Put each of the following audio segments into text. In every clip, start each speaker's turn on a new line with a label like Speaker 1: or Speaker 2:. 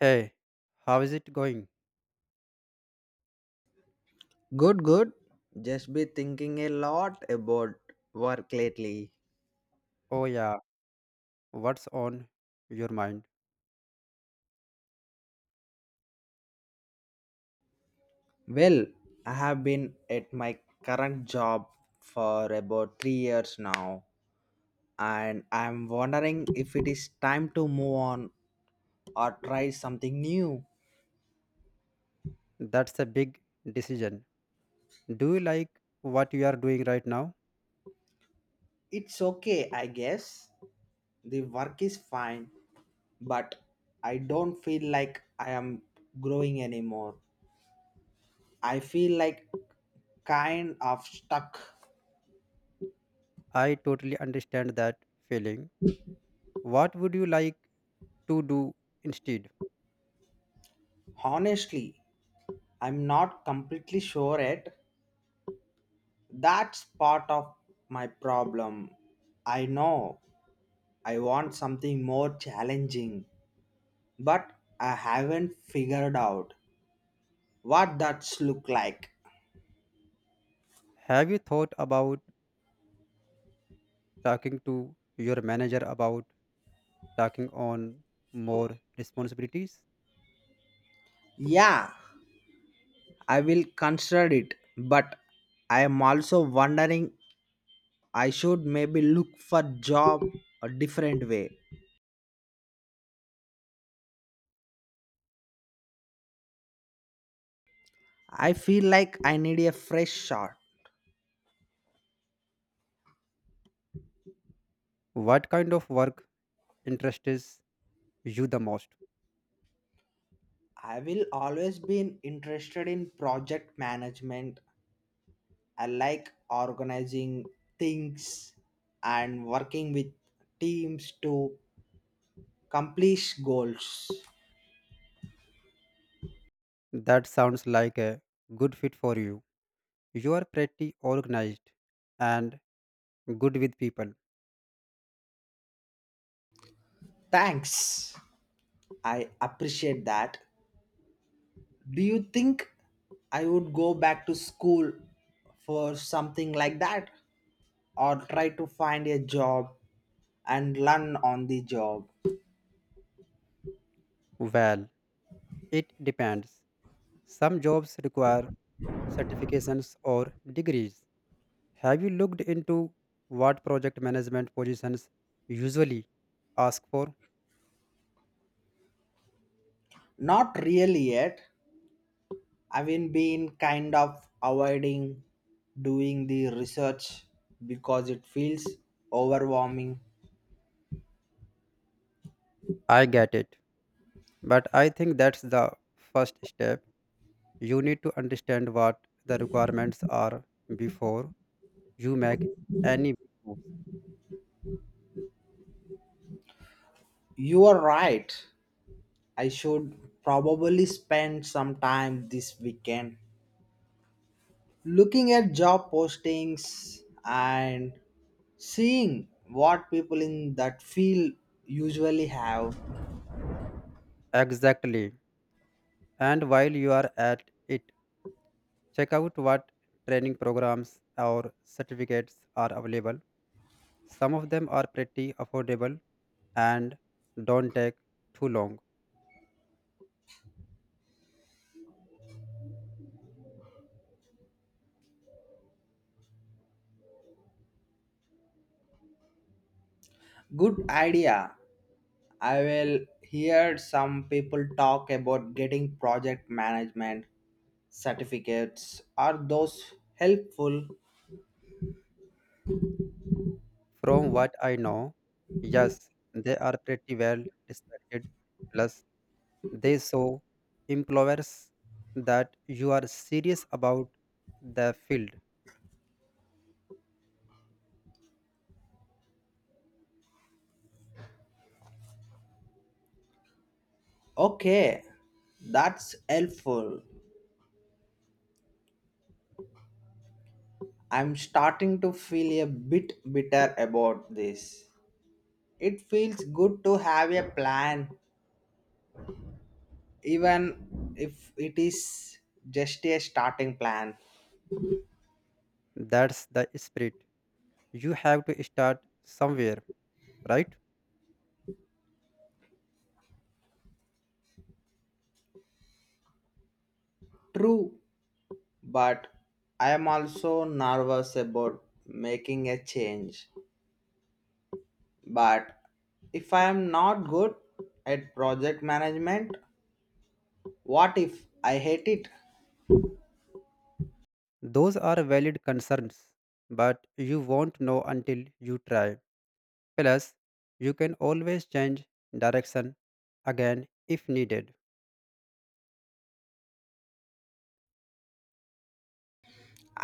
Speaker 1: Hey, how is it going?
Speaker 2: Good, good. Just be thinking a lot about work lately.
Speaker 1: Oh, yeah, what's on your mind?
Speaker 2: Well, I have been at my current job for about 3 years now, and I'm wondering if it is time to move on or try something new.
Speaker 1: That's a big decision. Do you like what you are doing right now?
Speaker 2: It's okay, I guess. The work is fine, but I don't feel like I am growing anymore. I feel like kind of stuck,
Speaker 1: I totally understand that feeling. What would you like to do instead?
Speaker 2: honestly. I'm not completely sure yet. That's part of my problem. I know I want something more challenging, but I haven't figured out what that's look like.
Speaker 1: Have you thought about talking to your manager about taking on more responsibilities?
Speaker 2: Yeah, I will consider it, but I am also wondering I should maybe look for job a different way. I feel like I need a fresh start.
Speaker 1: What kind of work interests you the most?
Speaker 2: I will always been interested in project management. I like organizing things and working with teams to complete goals.
Speaker 1: That sounds like a good fit for you. You are pretty organized and good with people.
Speaker 2: Thanks. I appreciate that. Do you think I would go back to school for something like that or try to find a job and learn on the job?
Speaker 1: Well, it depends. Some jobs require certifications or degrees. Have you looked into what project management positions usually ask for?
Speaker 2: Not really yet. I've been kind of avoiding doing the research because it feels overwhelming.
Speaker 1: I get it, but I think that's the first step. You need to understand what the requirements are before you make any big moves.
Speaker 2: You are right. I should probably spend some time this weekend looking at job postings and seeing what people in that field usually have.
Speaker 1: Exactly. And while you are at it, check out what training programs or certificates are available. Some of them are pretty affordable and don't take too long.
Speaker 2: Good idea. I will hear some people talk about getting project management certificates. Are those helpful?
Speaker 1: From what I know, yes, they are pretty well respected. Plus, they show employers that you are serious about the field.
Speaker 2: Okay, that's helpful. I'm starting to feel a bit bitter about this. It feels good to have a plan, even if it is just a starting plan.
Speaker 1: That's the spirit. You have to start somewhere, right?
Speaker 2: True, but I am also nervous about making a change. But if I am not good at project management, what if I hate it?
Speaker 1: Those are valid concerns, but you won't know until you try. Plus, you can always change direction again if needed.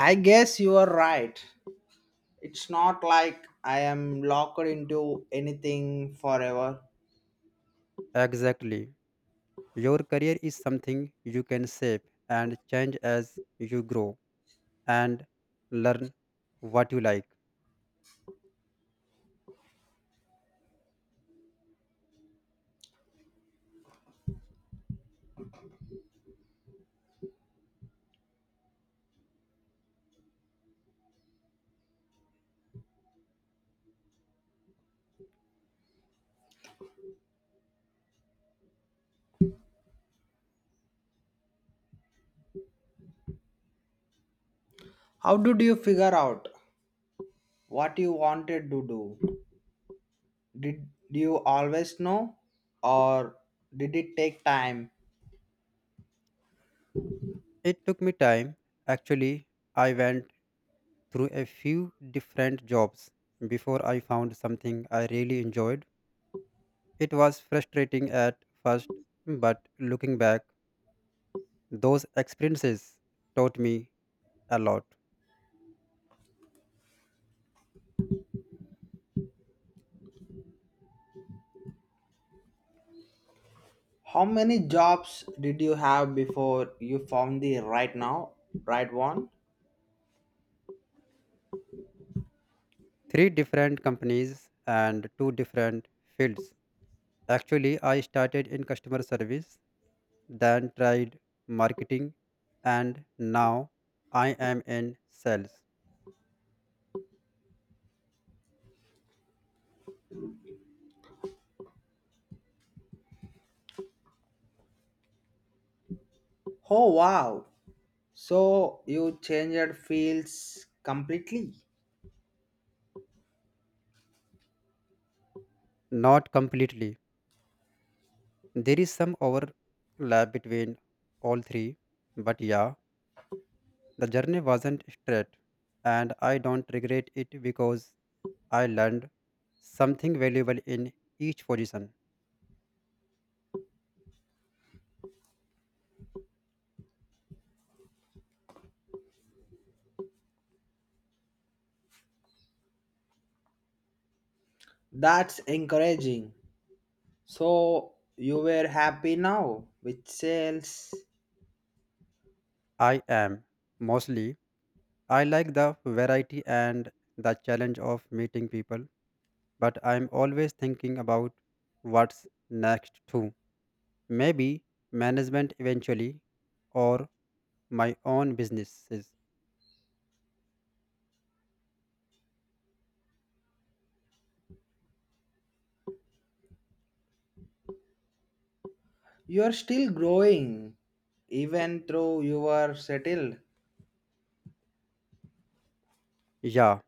Speaker 2: I guess you are right. It's not like I am locked into anything forever.
Speaker 1: Exactly. Your career is something you can shape and change as you grow and learn what you like.
Speaker 2: How did you figure out what you wanted to do? Did you always know, or did it take time?
Speaker 1: It took me time. Actually, I went through a few different jobs before I found something I really enjoyed. It was frustrating at first, but looking back, those experiences taught me a lot.
Speaker 2: How many jobs did you have before you found right one?
Speaker 1: Three different companies and two different fields. Actually, I started in customer service, then tried marketing, and now I am in sales.
Speaker 2: Oh wow! So you changed fields completely.
Speaker 1: Not completely. There is some overlap between all three, but yeah, the journey wasn't straight, and I don't regret it because I learned something valuable in each position.
Speaker 2: That's encouraging. So you were happy now with sales.
Speaker 1: I am mostly. I like the variety and the challenge of meeting people, but I'm always thinking about what's next too. Maybe management eventually or my own businesses.
Speaker 2: You are still growing even though you are settled.
Speaker 1: Yeah,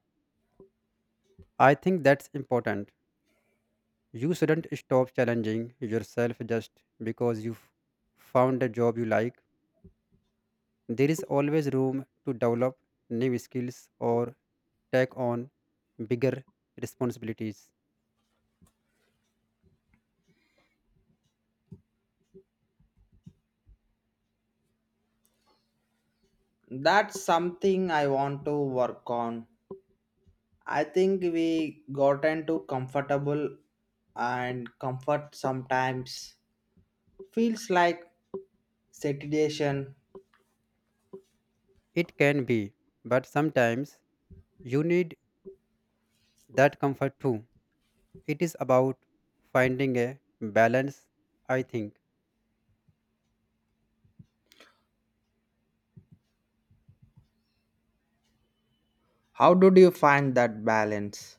Speaker 1: I think that's important. You shouldn't stop challenging yourself just because you've found a job you like. There is always room to develop new skills or take on bigger responsibilities.
Speaker 2: That's something I want to work on. I think we gotten too comfortable, and comfort sometimes feels like satiation.
Speaker 1: It can be, but sometimes you need that comfort too. It is about finding a balance, I think.
Speaker 2: How did you find that balance?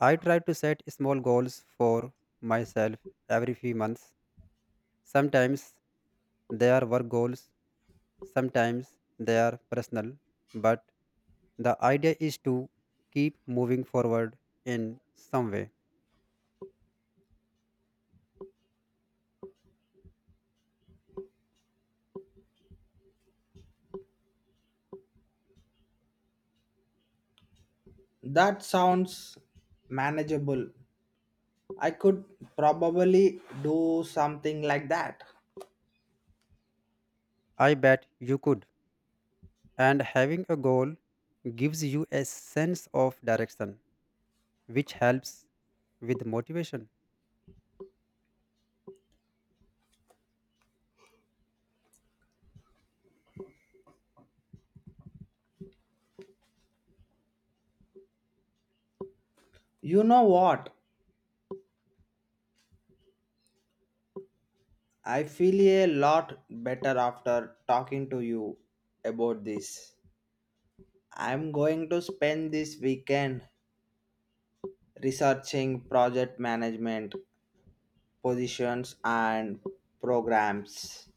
Speaker 1: I try to set small goals for myself every few months. Sometimes they are work goals, sometimes they are personal, but the idea is to keep moving forward in some way.
Speaker 2: That sounds manageable. I could probably do something like that.
Speaker 1: I bet you could. And having a goal gives you a sense of direction, which helps with motivation.
Speaker 2: You know what, I feel a lot better after talking to you about this. I'm going to spend this weekend researching project management positions and programs.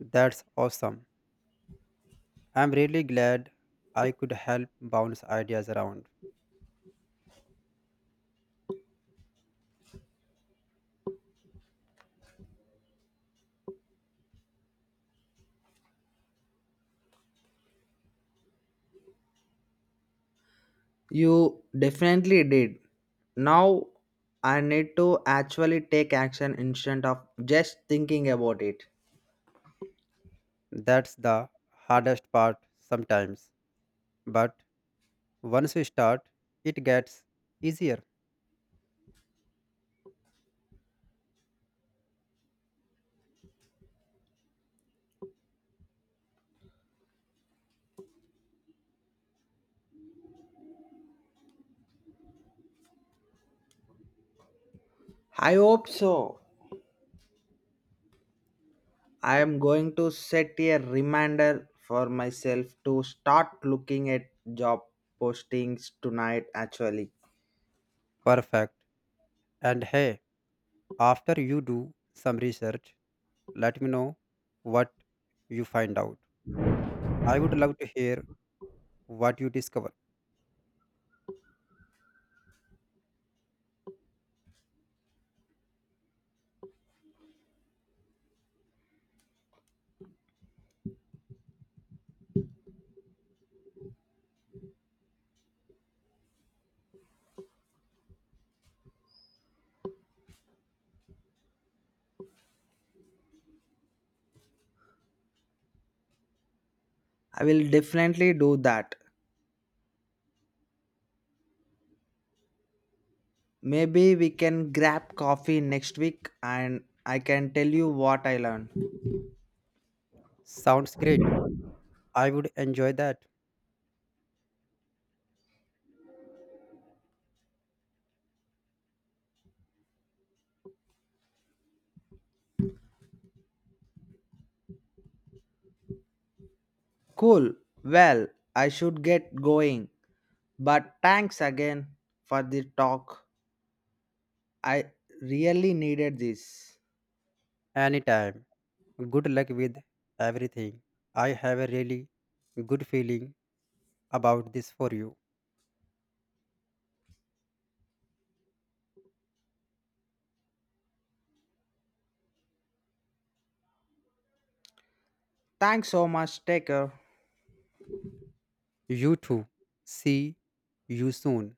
Speaker 1: That's awesome. I'm really glad I could help bounce ideas around.
Speaker 2: You definitely did. Now I need to actually take action instead of just thinking about it.
Speaker 1: That's the hardest part sometimes, but once you start, it gets easier.
Speaker 2: I hope so. I am going to set a reminder for myself to start looking at job postings tonight actually.
Speaker 1: Perfect. And hey, after you do some research, let me know what you find out. I would love to hear what you discover.
Speaker 2: I will definitely do that. Maybe we can grab coffee next week and I can tell you what I learned.
Speaker 1: Sounds great. I would enjoy that.
Speaker 2: Cool. Well, I should get going. But thanks again for the talk. I really needed this.
Speaker 1: Anytime. Good luck with everything. I have a really good feeling about this for you.
Speaker 2: Thanks so much. Take care.
Speaker 1: You too. See you soon.